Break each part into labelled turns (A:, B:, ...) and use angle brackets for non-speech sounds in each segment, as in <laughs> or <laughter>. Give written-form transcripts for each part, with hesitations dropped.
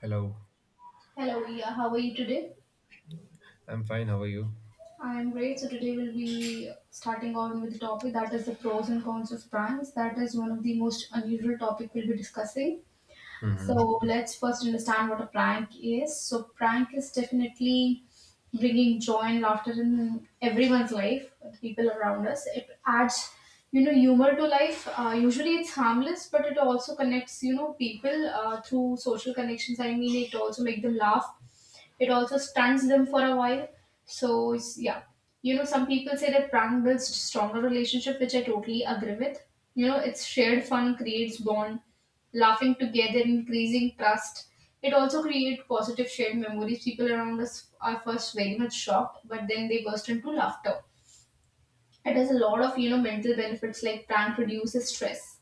A: Hello,
B: Hello, yeah, how are you today?
A: I'm fine. How are you?
B: I'm great. So today we'll be starting on with the topic that is the pros and cons of brands. That is one of the most unusual topic we'll be discussing.
A: hmm
B: So let's first understand what a prank is. So prank is definitely bringing joy and laughter in everyone's life, the people around us. It adds humor to life. Usually it's harmless, but it also connects, people through social connections. I mean, it also make them laugh. It also stuns them for a while. Yeah, some people say that prank builds stronger relationship, which I totally agree with. It's shared fun creates bond, laughing together, increasing trust. It also creates positive shared memories. People around us are first very much shocked, but then they burst into laughter. It has a lot of mental benefits, like prank reduces stress.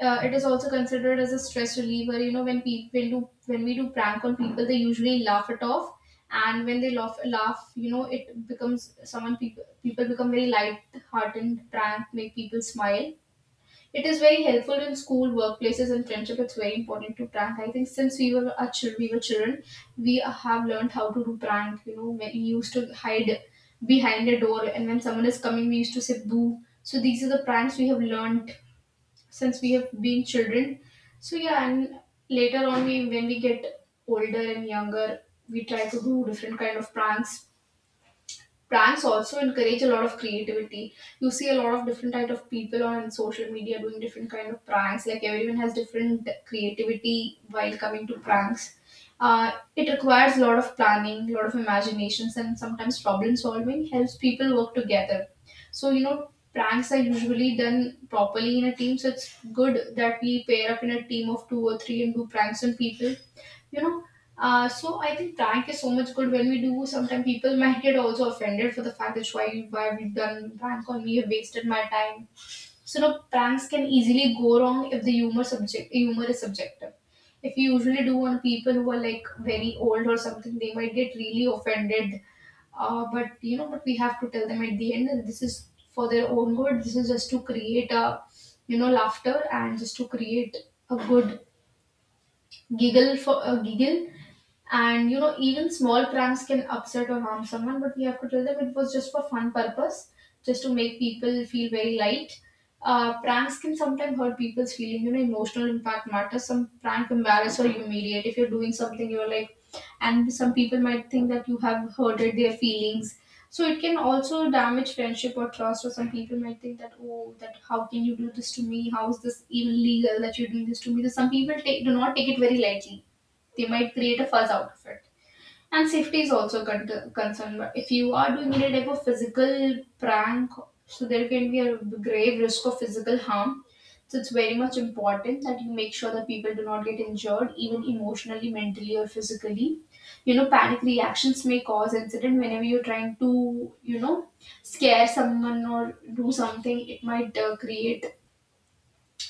B: It is also considered as a stress reliever. When we do prank on people, they usually laugh it off, and when they laugh, it becomes someone people people become very light hearted. Prank make people smile. It is very helpful in school, workplaces, and friendship. It's very important to prank. I think since we were children, we have learned how to do prank. When we used to hide behind a door, and when someone is coming, we used to say "boo." So these are the pranks we have learned since we have been children. So yeah, and later on, we when we get older and younger, we try to do different kind of pranks. Pranks also encourage a lot of creativity. You see a lot of different type of people on social media doing different kind of pranks. Like, everyone has different creativity while coming to pranks. It requires a lot of planning, a lot of imaginations, and sometimes problem solving helps people work together. So, pranks are usually done properly in a team. So it's good that we pair up in a team of two or three and do pranks on people. You know uh, so I think prank is so much good when we do. Sometimes people might get also offended for the fact that why have done prank on me? You wasted my time. So no, pranks can easily go wrong if the humor is subjective. If you usually do on people who are like very old or something, they might get really offended. But we have to tell them at the end that this is for their own good. This is just to create a laughter, and just to create a good giggle for giggle. And even small pranks can upset or harm someone, but we have to tell them it was just for fun purpose, just to make people feel very light. Pranks can sometimes hurt people's feeling. Emotional impact matters. Some prank embarrass or humiliate if you're doing something you're like, and some people might think that you have hurted their feelings. So it can also damage friendship or trust, or some people might think that, oh, that, how can you do this to me? How is this even legal that you're doing this to me? So some people do not take it very lightly. They might create a fuss out of it, and safety is also concerned. But if you are doing any type of physical prank, so there can be a grave risk of physical harm. So it's very much important that you make sure that people do not get injured, even emotionally, mentally, or physically. Panic reactions may cause incident whenever you're trying to, scare someone or do something. It might create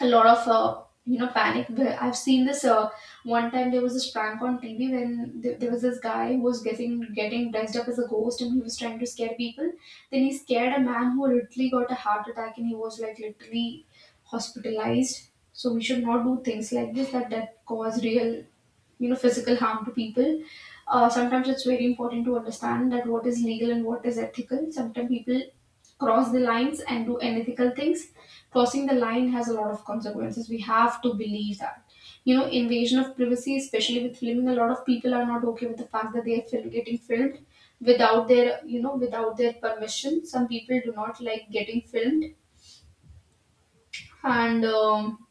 B: a lot of panic. But I've seen this. One time there was this prank on TV when there was this guy who was getting dressed up as a ghost, and he was trying to scare people. Then he scared a man who literally got a heart attack, and he was, like, literally hospitalized. So we should not do things like this that cause real, physical harm to people. Sometimes it's very important to understand that what is legal and what is ethical. Sometimes people cross the lines and do unethical things. Crossing the line has a lot of consequences. We have to believe that. Invasion of privacy, especially with filming — a lot of people are not okay with the fact that they are getting filmed without their permission. Some people do not like getting filmed, and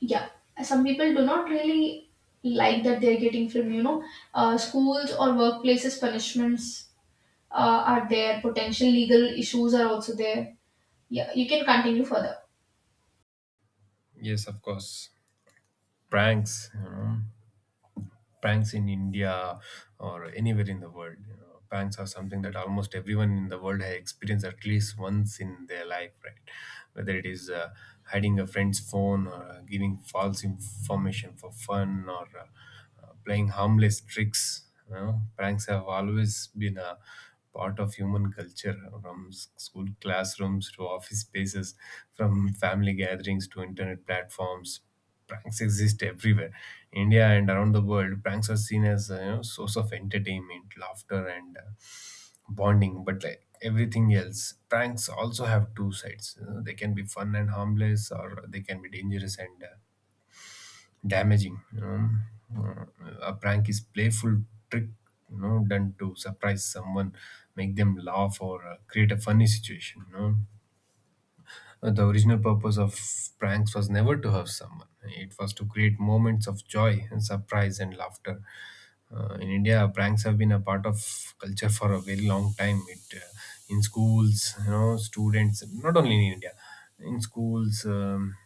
B: yeah, some people do not really like that they're getting filmed. Schools or workplaces punishments are there. Potential legal issues are also there. Yeah, you can continue further.
A: Yes, of course. Pranks, you know, banks in India or anywhere in the world. You know, banks are something that almost everyone in the world has experienced at least once in their life, right? Whether it is hiding a friend's phone or giving false information for fun or playing harmless tricks. You know, pranks have always been a part of human culture from school classrooms to office spaces, from family gatherings to internet platforms, pranks exist everywhere. India and around the world, pranks are seen as a, you know, source of entertainment, laughter, and bonding. But like everything else, pranks also have two sides. You know, they can be fun and harmless, or they can be dangerous and damaging. Uh, a prank is playful trick. You know, done to surprise someone, make them laugh, or create a funny situation. The original purpose of pranks was never to hurt someone. It was to create moments of joy and surprise and laughter. In India, pranks have been a part of culture for a very long time. It In schools, you know, students not only in India, in schools.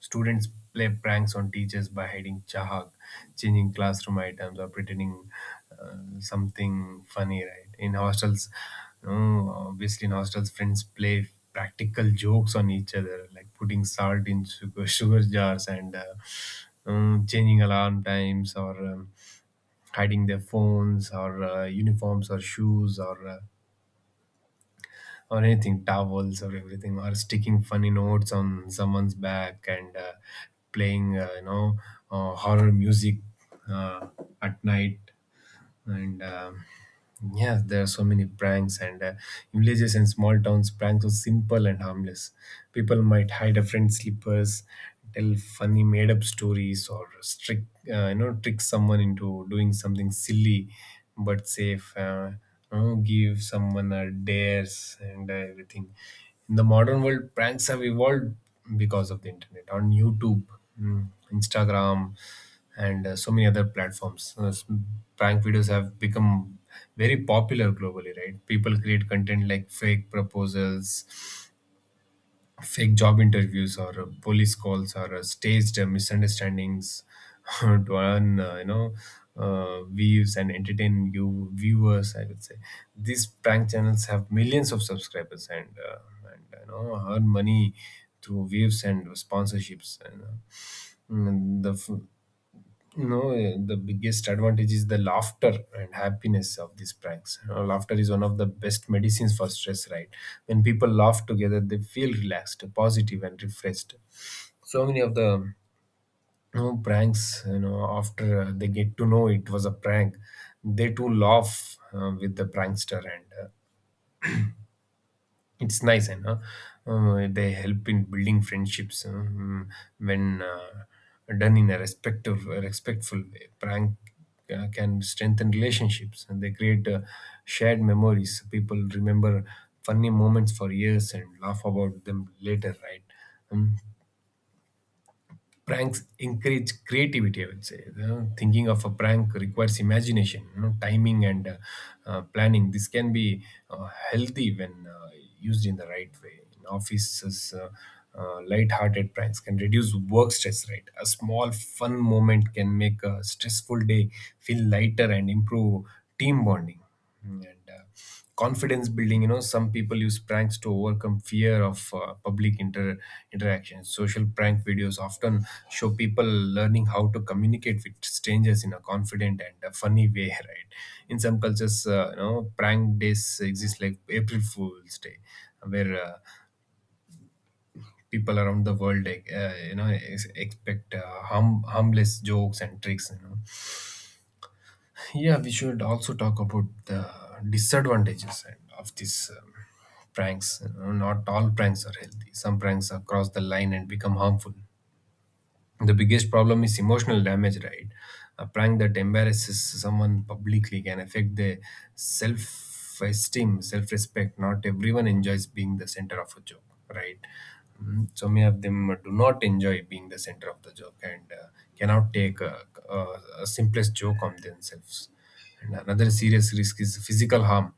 A: Students play pranks on teachers by hiding chahak, changing classroom items, or pretending something funny, right? In hostels, you know, obviously, in hostels, friends play practical jokes on each other, like putting salt in sugar, <laughs> sugar jars, and changing alarm times, or hiding their phones, or uniforms, or shoes, or anything, towels or everything, or sticking funny notes on someone's back, and playing, horror music uh, at night. And Yeah, there are so many pranks. And In villages and small towns, pranks are simple and harmless. People might hide a friend's slippers, tell funny made-up stories, or trick, you know, trick someone into doing something silly but safe. You know, give someone a dares and everything. In the modern world, pranks have evolved because of the internet, on YouTube, mm, Instagram, and so many other platforms. Prank videos have become very popular globally, right? People create content like fake proposals, fake job interviews, or police calls, or staged misunderstandings <laughs> to earn, views and entertain you viewers. I would say these prank channels have millions of subscribers, and you know, earn money through views and sponsorships. And, mm, the f- you know eh, the biggest advantage is the laughter and happiness of these pranks. You know, laughter is one of the best medicines for stress, right? When people laugh together, they feel relaxed, positive, and refreshed. So many of the, you know, pranks, you know, after they get to know it was a prank, they too laugh with the prankster, and it's nice. And They help in building friendships. When done in a respective respectful way, prank can strengthen relationships, and they create shared memories. People remember funny moments for years and laugh about them later, right? Um, Pranks encourage creativity, I would say. You know, thinking of a prank requires imagination, you know, timing, and planning. This can be healthy when used in the right way. In offices, light-hearted pranks can reduce work stress, right? A small fun moment can make a stressful day feel lighter and improve team bonding. Mm, and Confidence building, you know, some people use pranks to overcome fear of public interaction. Social prank videos often show people learning how to communicate with strangers in a confident and a funny way, <laughs> right? In some cultures, you know, prank days exist like April Fools Day, where people around the world, you know, expect harmless jokes and tricks, you know. Yeah, we should also talk about the disadvantages and of these pranks. You know, not all pranks are healthy. Some pranks are cross the line and become harmful. The biggest problem is emotional damage, right? A prank that embarrasses someone publicly can affect their self esteem, self respect. Not everyone enjoys being the center of a joke, right? Mm, so many of them do not enjoy being the center of the joke, and cannot take a simplest joke on themselves. And another serious risk is physical harm.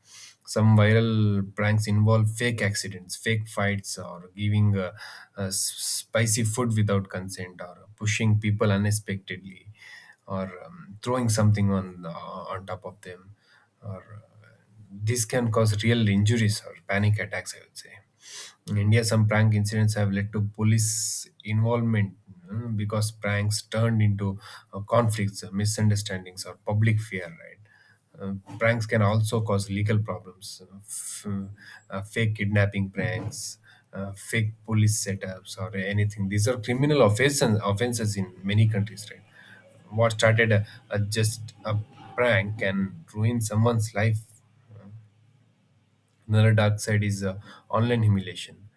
A: Some viral pranks involve fake accidents, fake fights, or giving spicy food without consent, or pushing people unexpectedly, or throwing something on top of them, or this can cause real injuries or panic attacks. I would say. In India, some prank incidents have led to police involvement, because pranks turned into conflicts, misunderstandings, or public fear, right? Pranks can also cause legal problems. Fake kidnapping pranks, fake police setups, or anything. These are criminal offenses, offenses in many countries, right? What started a just a prank can ruin someone's life. Another dark side is online humiliation.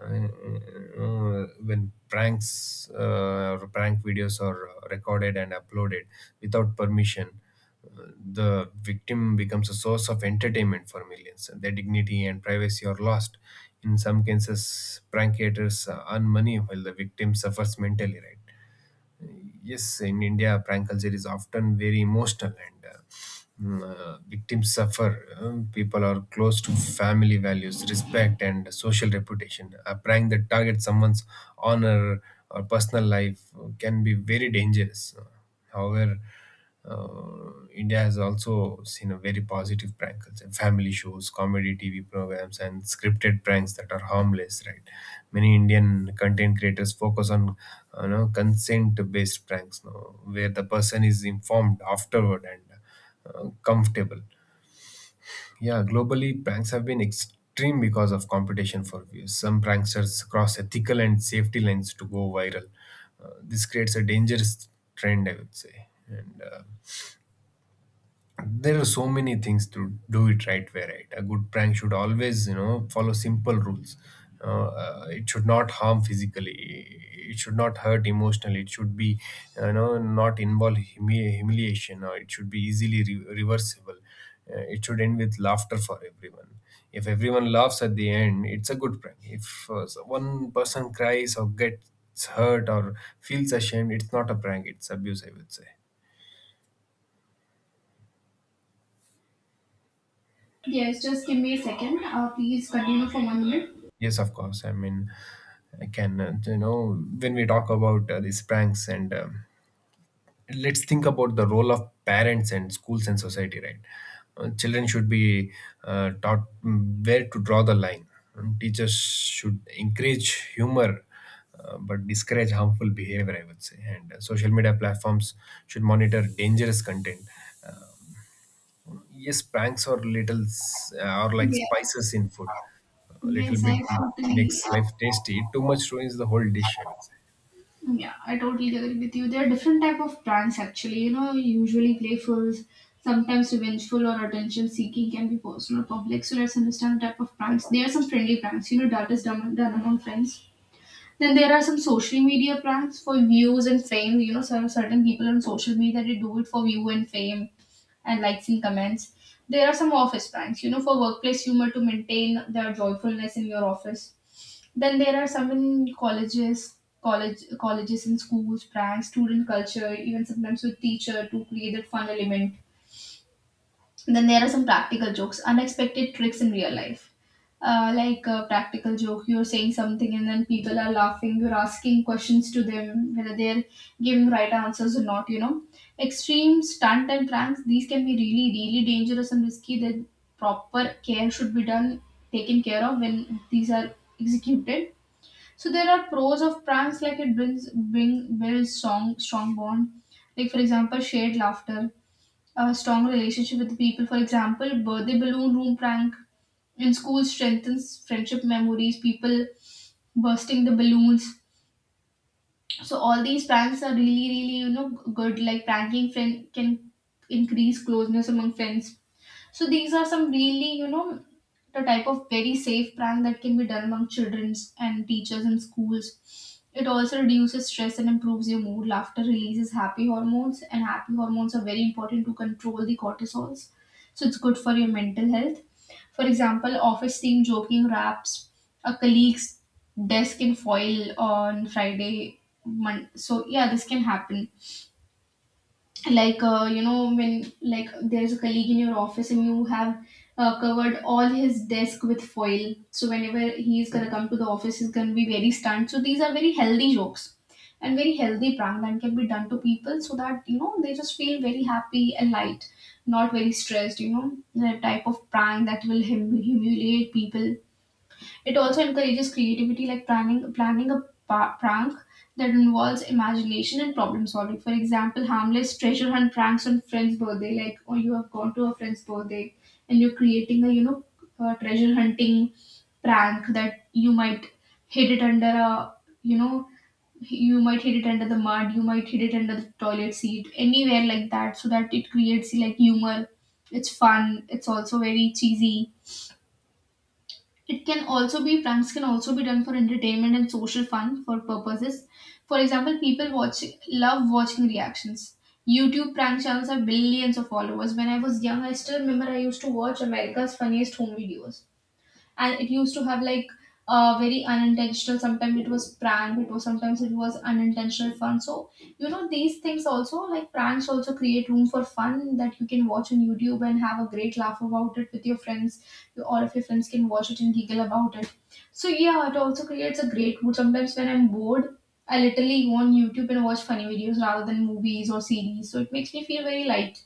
A: When pranks, or prank videos are recorded and uploaded without permission, uh, the victim becomes a source of entertainment for millions. Their dignity and privacy are lost. In some cases, prank creators earn money while the victim suffers mentally, right? Yes, in India, prank culture is often very emotional, victims suffer. People are close to family values, respect, and social reputation. A prank that targets someone's honor or personal life can be very dangerous. However, India has also seen a very positive prank culture. Family shows, comedy TV programs, and scripted pranks that are harmless. Right, many Indian content creators focus on, you know, consent-based pranks, no, where the person is informed afterward and comfortable. Yeah, globally, pranks have been extreme because of competition for views. Some pranksters cross ethical and safety lines to go viral. This creates a dangerous trend, I would say. And There are so many things to do it right way, right? A good prank should always, you know, follow simple rules. You It should not harm physically, it should not hurt emotionally, it should be, you know, not involve humiliation, or it should be easily reversible. It should end with laughter for everyone. If everyone laughs at the end, it's a good prank. If one person cries or gets hurt or feels ashamed, it's not a prank, it's abuse, I would say.
B: Yes, just give me a second. Please continue for 1 minute.
A: Yes, of course. I mean, I can, you know, when we talk about these pranks, and let's think about the role of parents and schools and society, right? Children should be taught, where to draw the line. And teachers should encourage humor, but discourage harmful behavior, I would say. And Social media platforms should monitor dangerous content. Uh, Yes, pranks or are like
B: Yeah.
A: spices in food. A little
B: Yes,
A: bit makes life tasty. Too much ruins the whole dish, I would say.
B: yeah, I totally agree with you. There are different type of pranks actually. Usually playful, sometimes revengeful or attention seeking, can be personal or public. So let's understand the type of pranks. There are some friendly pranks. That is done among friends. Then there are some social media pranks for views and fame. Some certain people on social media, they do it for view and fame and likes and comments. There are some office pranks, for workplace humor, to maintain their joyfulness in your office. Then there are some in colleges, colleges and schools, pranks, student culture, even sometimes with teacher, to create that fun element. Then there are some practical jokes, unexpected tricks in real life. Like a practical joke, you're saying something and then people are laughing, you're asking questions to them, whether they're giving right answers or not. Extreme stunt and pranks, these can be really, really dangerous and risky. That proper care should be done, taken care of, when these are executed. So there are pros of pranks, like it brings bring builds strong bond. Like, for example, shared laughter, a strong relationship with the people. For example, birthday balloon room prank in school strengthens friendship memories, people bursting the balloons. So all these pranks are really, really, good. Like, pranking friend can increase closeness among friends. So these are some really, the type of very safe prank that can be done among childrens and teachers in schools. It also reduces stress and improves your mood. Laughter releases happy hormones, and happy hormones are very important to control the cortisols. So it's good for your mental health. For example, office team joking wraps a colleague's desk in foil on Friday. So yeah, this can happen, like, when, like, there's a colleague in your office and you have covered all his desk with foil, so whenever he's gonna come to the office, he's gonna be very stunned. So these are very healthy jokes, and very healthy prank that can be done to people, so that they just feel very happy and light, not very stressed. The type of prank that will humiliate people. It also encourages creativity, like planning a prank that involves imagination and problem solving. For example, harmless treasure hunt pranks on friend's birthday. Like, oh, you have gone to a friend's birthday and you're creating a, a treasure hunting prank that you might hid it under a, you know you might hit it under the mud, you might hit it under the toilet seat, anywhere like that, so that it creates, like, humor. It's fun, it's also very cheesy. It can also be pranks can also be done for entertainment and social fun for purposes. For example, people watch love watching reactions. YouTube prank channels have billions of followers. When I was young, I still remember I used to watch America's Funniest Home Videos, and it used to have, like, very unintentional, sometimes it was prank, it was unintentional fun. So these things also, like pranks also create room for fun that you can watch on YouTube and have a great laugh about it with your friends. All of your friends can watch it and giggle about it. So yeah, it also creates a great mood. Sometimes when I'm bored, I literally go on YouTube and watch funny videos rather than movies or series. So it makes me feel very light.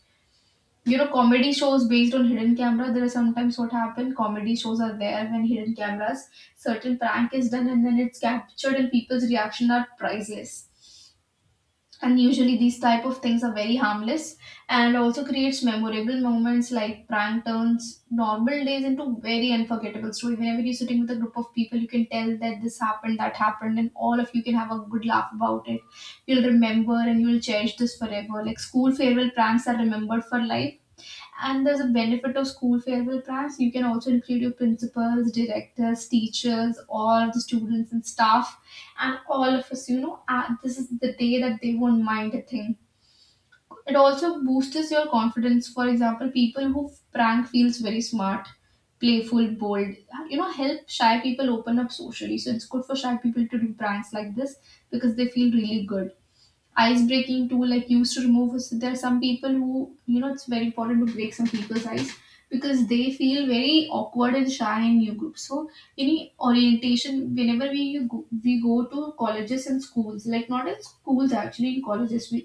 B: You know, comedy shows based on hidden camera, there are sometimes what happen, comedy shows are there when hidden cameras, certain prank is done and then it's captured and people's reaction are priceless. And usually these type of things are very harmless, and also creates memorable moments, like prank turns normal days into very unforgettable story. Whenever you're sitting with a group of people, you can tell that this happened, that happened, and all of you can have a good laugh about it. You'll remember and you'll cherish this forever, like school farewell pranks are remembered for life. And there's a benefit of school farewell plans. You can also include your principals, directors, teachers, all the students and staff, and all of us. You know, this is the day that they won't mind a thing. It also boosts your confidence. For example, people who prank feels very smart, playful, bold. You know, help shy people open up socially. So it's good for shy people to do pranks like this because they feel really good. Ice breaking tool like used to remove, so there are some people who, you know, it's very important to break some people's ice because they feel very awkward and shy in new groups. So any orientation, whenever we you go, we go to colleges and schools, like not in schools, actually in colleges, we,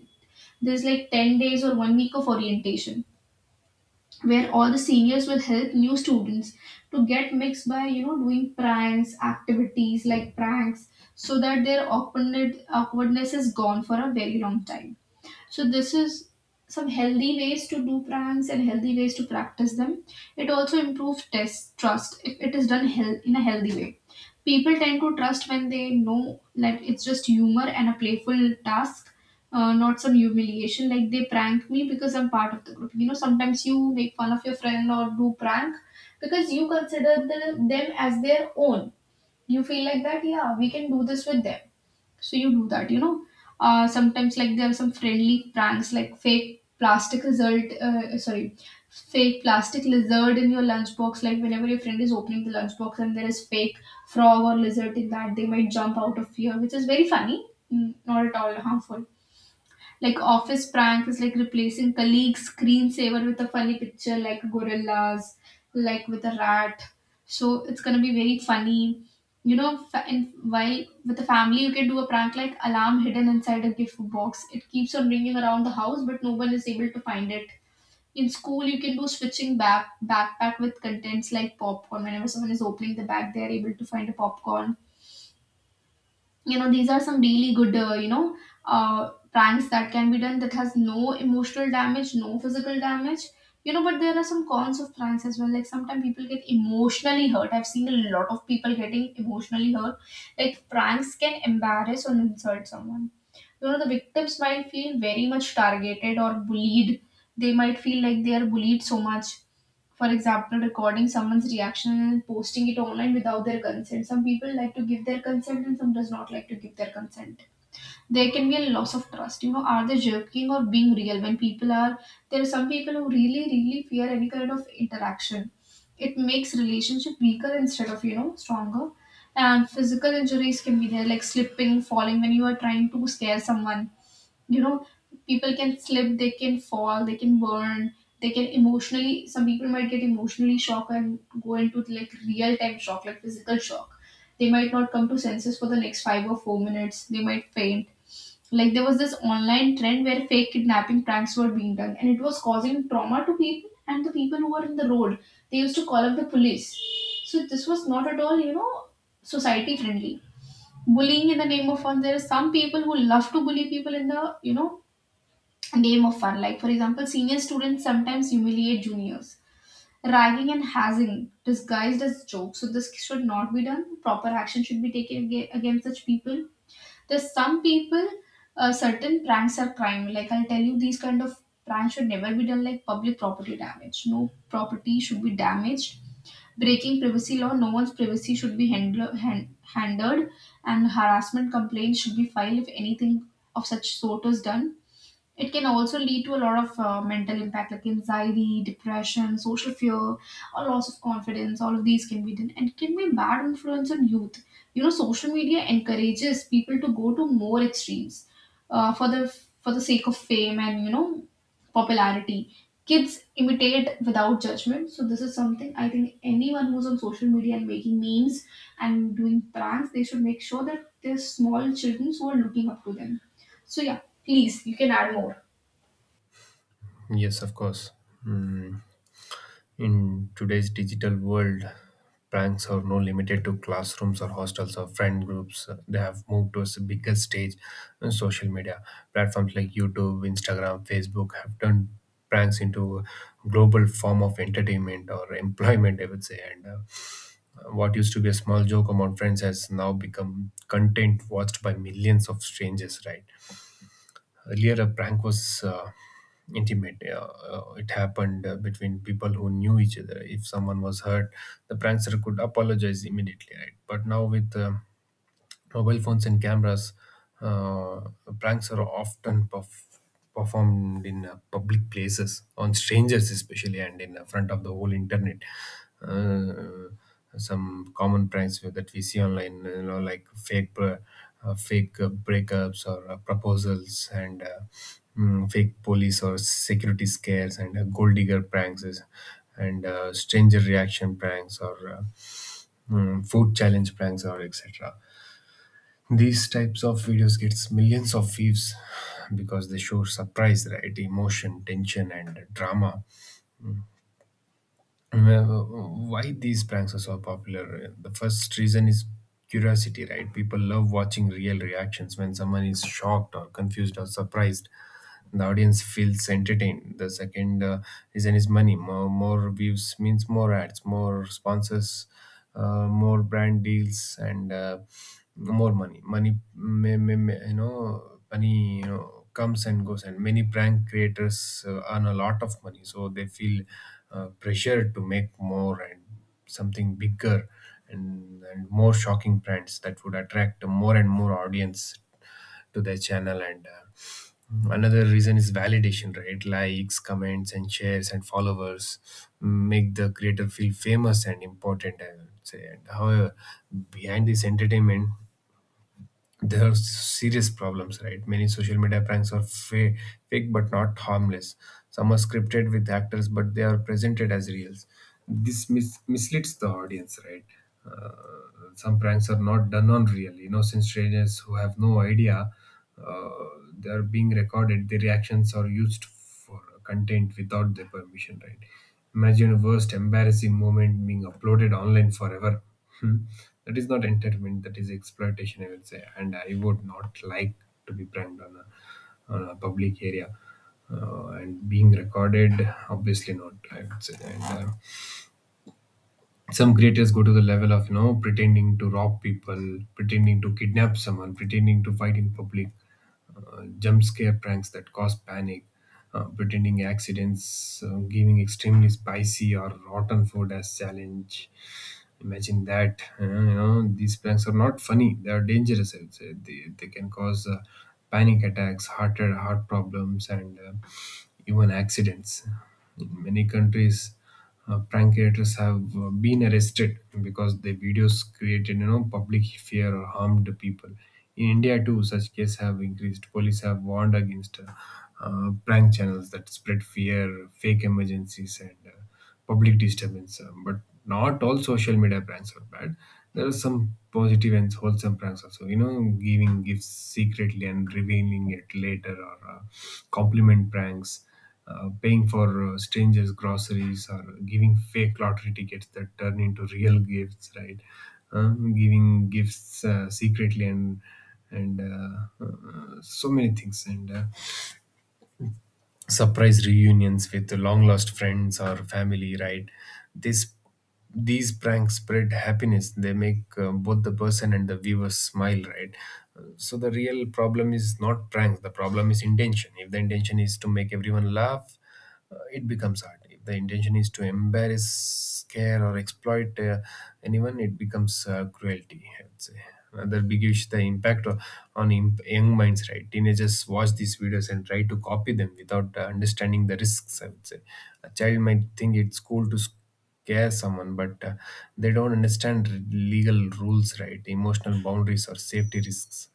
B: there's like 10 days or 1 week of orientation where all the seniors will help new students to get mixed by, you know, doing pranks, activities like pranks, so that their awkwardness is gone for a very long time. So this is some healthy ways to do pranks and healthy ways to practice them. It also improves test trust if it is done in a healthy way. People tend to trust when they know that it's just humor and a playful task, not some humiliation. Like they prank me because I'm part of the group. You know, sometimes you make fun of your friend or do prank because you consider the, them as their own. You feel like that, yeah, we can do this with them, so you do that, you know. Uh, sometimes like there are some friendly pranks, like fake plastic result sorry fake plastic lizard in your lunchbox, like whenever your friend is opening the lunchbox and there is fake frog or lizard in that, they might jump out of fear, which is very funny. Not at all harmful. Like office prank is like replacing colleague screensaver with a funny picture, like gorillas, like with a rat. So it's gonna be very funny. You know, and while with the family, you can do a prank like alarm hidden inside a gift box. It keeps on ringing around the house, but no one is able to find it. In school, you can do switching backpack with contents like popcorn. Whenever someone is opening the bag, they are able to find a popcorn. You know, these are some really good, you know, pranks that can be done that has no emotional damage, no physical damage. You know, but there are some cons of pranks as well. Like sometimes people get emotionally hurt. I've seen a lot of people getting emotionally hurt. Like pranks can embarrass or insult someone. You know, the victims might feel very much targeted or bullied. They might feel like they are bullied so much. For example, recording someone's reaction and posting it online without their consent. Some people like to give their consent and some does not like to give their consent. There can be a loss of trust. You know, are they joking or being real when people are, there are some people who really really fear any kind of interaction. It makes relationship weaker instead of, you know, stronger. And physical injuries can be there, like slipping, falling when you are trying to scare someone. You know, people can slip, they can fall, they can burn, they can emotionally, some people might get emotionally shocked and go into like real time shock, like physical shock. They might not come to senses for the next 5 or 4 minutes, they might faint. Like there was this online trend where fake kidnapping pranks were being done and it was causing trauma to people, and the people who were in the road, they used to call up the police. So this was not at all, you know, society friendly. Bullying in the name of fun, there are some people who love to bully people in the, you know, game of fun. Like, for example, senior students sometimes humiliate juniors, ragging and hazing disguised as jokes. So, this should not be done. Proper action should be taken against such people. There's some people, certain pranks are crime. Like, I'll tell you, these kind of pranks should never be done, like public property damage. No property should be damaged. Breaking privacy law, no one's privacy should be handled, and harassment complaints should be filed if anything of such sort is done. It can also lead to a lot of mental impact, like anxiety, depression, social fear, or loss of confidence. All of these can be done, and it can be a bad influence on youth. You know, social media encourages people to go to more extremes, uh, for the for the sake of fame and, you know, popularity. Kids imitate without judgment. So this is something I think anyone who's on social media and making memes and doing pranks, they should make sure that there's small children who are looking up to them. So yeah, please, you can add more.
A: Yes, of course. Mm. In today's digital world, pranks are no limited to classrooms or hostels or friend groups. They have moved towards a bigger stage on social media. Platforms like YouTube, Instagram, Facebook have turned pranks into a global form of entertainment or employment, I would say. And What used to be a small joke among friends has now become content watched by millions of strangers, right? Earlier, a prank was intimate. It happened between people who knew each other. If someone was hurt, the prankster could apologize immediately, right? But now, with mobile phones and cameras, uh, pranks are often performed in public places, on strangers especially, and in front of the whole internet. Uh, some common pranks that we see online, you know, like fake breakups or proposals, and fake police or security scares, and gold digger pranks, and stranger reaction pranks, or food challenge pranks, or etc. These types of videos gets millions of views because they show surprise, right? Emotion, tension, and drama. Uh, Why these pranks are so popular? The first reason is curiosity, right? People love watching real reactions. When someone is shocked or confused or surprised, the audience feels entertained. The second reason is money. More, more views means more ads, more sponsors, more brand deals, and more money. Money, you know, money, you know, comes and goes. And many prank creators earn a lot of money, so they feel pressure to make more and something bigger and more shocking brands that would attract more and more audience to their channel and. Mm-hmm. Another reason is validation, right? Likes, comments, and shares, and followers make the creator feel famous and important, I would say. And however, behind this entertainment there are serious problems, right? Many social media pranks are fake but not harmless. Some are scripted with actors, but they are presented as reals. This misleads the audience, right? Uh, some pranks are not done on real. Innocent strangers who have no idea uh, they are being recorded. Their reactions are used or content without their permission, right? Imagine a worst embarrassing moment being uploaded online forever. Hmm. That is not entertainment, that is exploitation, I would say. And I would not like to be pranked on on a public area. And being recorded, obviously not, I would say. And some creators go to the level of, you know, pretending to rob people, pretending to kidnap someone, pretending to fight in public, jump scare pranks that cause panic, pretending accidents, giving extremely spicy or rotten food as challenge. Imagine that. You know, these pranks are not funny; they are dangerous. I would say they can cause panic attacks, heart problems, and even accidents. In many countries, prank creators have been arrested because their videos created, you know, public fear or harmed people. In India too, such cases have increased. Police have warned against prank channels that spread fear, fake emergencies, and public disturbance. But not all social media pranks are bad. There are some positive and wholesome pranks also. You know, giving gifts secretly and revealing it later, or compliment pranks, paying for strangers' groceries, or giving fake lottery tickets that turn into real <laughs> gifts, right? Giving gifts secretly and so many things, and surprise reunions with long lost friends or family, right? this These pranks spread happiness, they make both the person and the viewer smile, right? So the real problem is not pranks, the problem is intention. If the intention is to make everyone laugh, it becomes hard. If the intention is to embarrass, scare, or exploit anyone, it becomes cruelty, I would say. Another big issue: the impact on young minds. Right, teenagers watch these videos and try to copy them without understanding the risks, I would say. A child might think it's cool to scare someone, but they don't understand legal rules, right? Emotional boundaries or safety risks.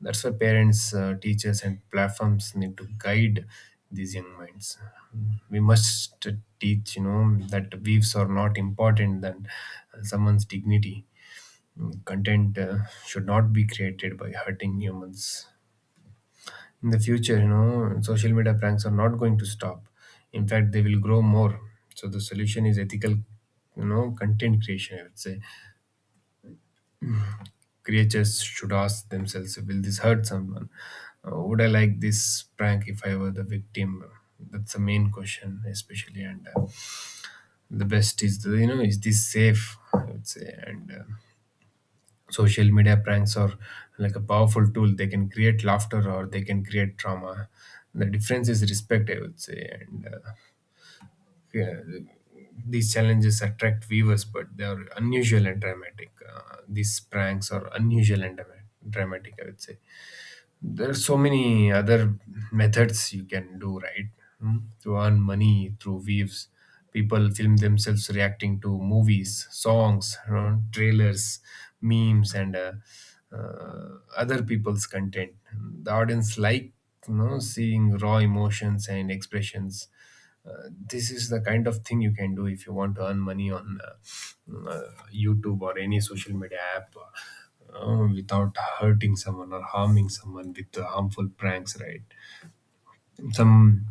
A: That's why parents, teachers, and platforms need to guide these young minds. We must teach, you know, that beliefs are not important than someone's dignity. Content should not be created by hurting humans. In the future, you know, social media pranks are not going to stop. In fact, they will grow more. So the solution is ethical, you know, content creation, I would say. Creatures should ask themselves, will this hurt someone? Would I like this prank if I were the victim? That's the main question, especially. And the best is, the, you know, is this safe? I would say. And social media pranks are like a powerful tool. They can create laughter or they can create trauma. The difference is respect, I would say. And yeah, these challenges attract viewers but they are unusual and dramatic. These pranks are unusual and dramatic, I would say. There's so many other methods you can do, right? Hmm? To earn money through waves, people film themselves reacting to movies, songs, you know, trailers, memes, and other people's content. The audience like, you know, seeing raw emotions and expressions. This is the kind of thing you can do if you want to earn money on YouTube or any social media app, without hurting someone or harming someone with harmful pranks, right? Some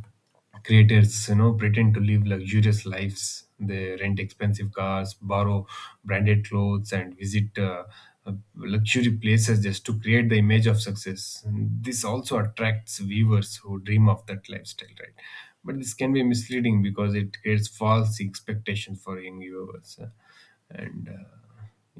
A: creators, you know, pretend to live luxurious lives. They rent expensive cars, borrow branded clothes, and visit luxury places just to create the image of success. And this also attracts viewers who dream of that lifestyle, right? But this can be misleading because it creates false expectations for young viewers. And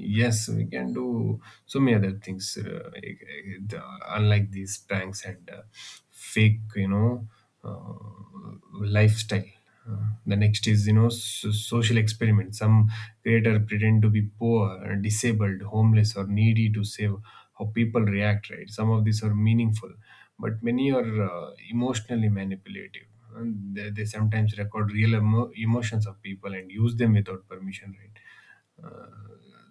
A: Yes, we can do so many other things, unlike these pranks and fake, you know, uh, lifestyle. The next is, you know, social experiment. Some creator pretend to be poor, disabled, homeless, or needy to save how people react, right? Some of these are meaningful, but many are emotionally manipulative. And they sometimes record real emotions of people and use them without permission, right?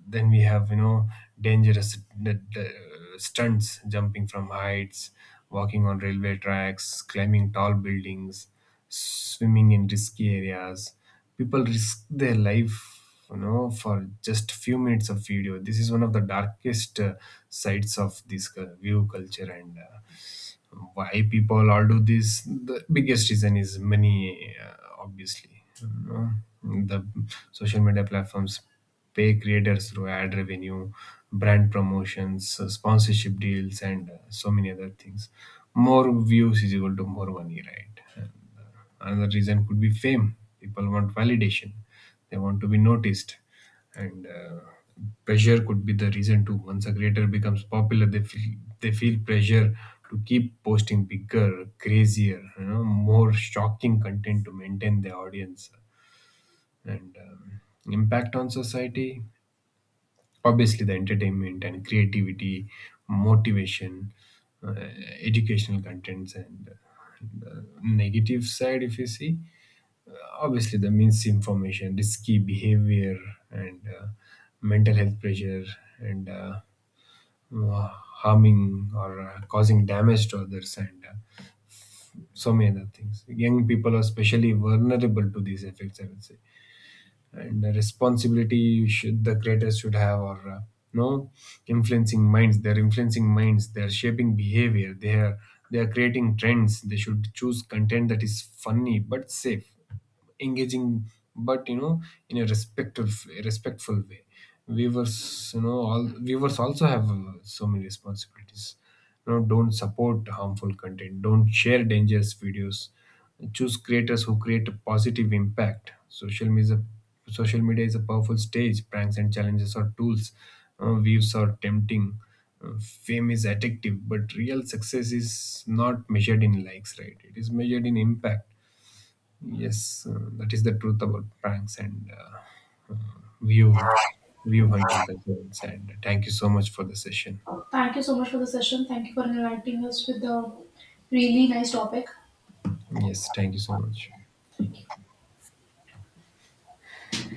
A: Then we have, you know, dangerous uh, stunts, jumping from heights, walking on railway tracks, climbing tall buildings, swimming in risky areas. People risk their life, you know, for just few minutes of video. This is one of the darkest sides of this view culture. And Why people all do this? The biggest reason is money, obviously, you know. The social media platforms pay creators through ad revenue, brand promotions, sponsorship deals, and so many other things. More views is equal to more money, right? Uh, Another reason could be fame. People want validation, they want to be noticed, and pressure could be the reason too. Once a creator becomes popular, they feel pressure to keep posting bigger, crazier, you know, more shocking content to maintain their audience. And Impact on society, obviously the entertainment and creativity motivation, uh, educational contents, and the negative side if you see, obviously the misinformation, risky behavior, and mental health pressure, and harming or causing damage to others, and so many other things. Young people are especially vulnerable to these effects, I would say. And the responsibility should the creators should have or no, influencing minds. They're influencing minds, they're shaping behavior, they're creating trends. They should choose content that is funny but safe, engaging, but you know, in a respectful way. Viewers, you know, all viewers also have so many responsibilities. You know, don't support harmful content, don't share dangerous videos, choose creators who create a positive impact. Social media is a powerful stage. Pranks and challenges are tools, views are tempting, fame is addictive, but real success is not measured in likes, right? It is measured in impact. Yes, that is the truth about pranks and view view hunting cultures, and thank you so much for the session.
B: Thank you so much for the session. Thank you for enlightening us with the really nice topic.
A: Yes, thank you so much.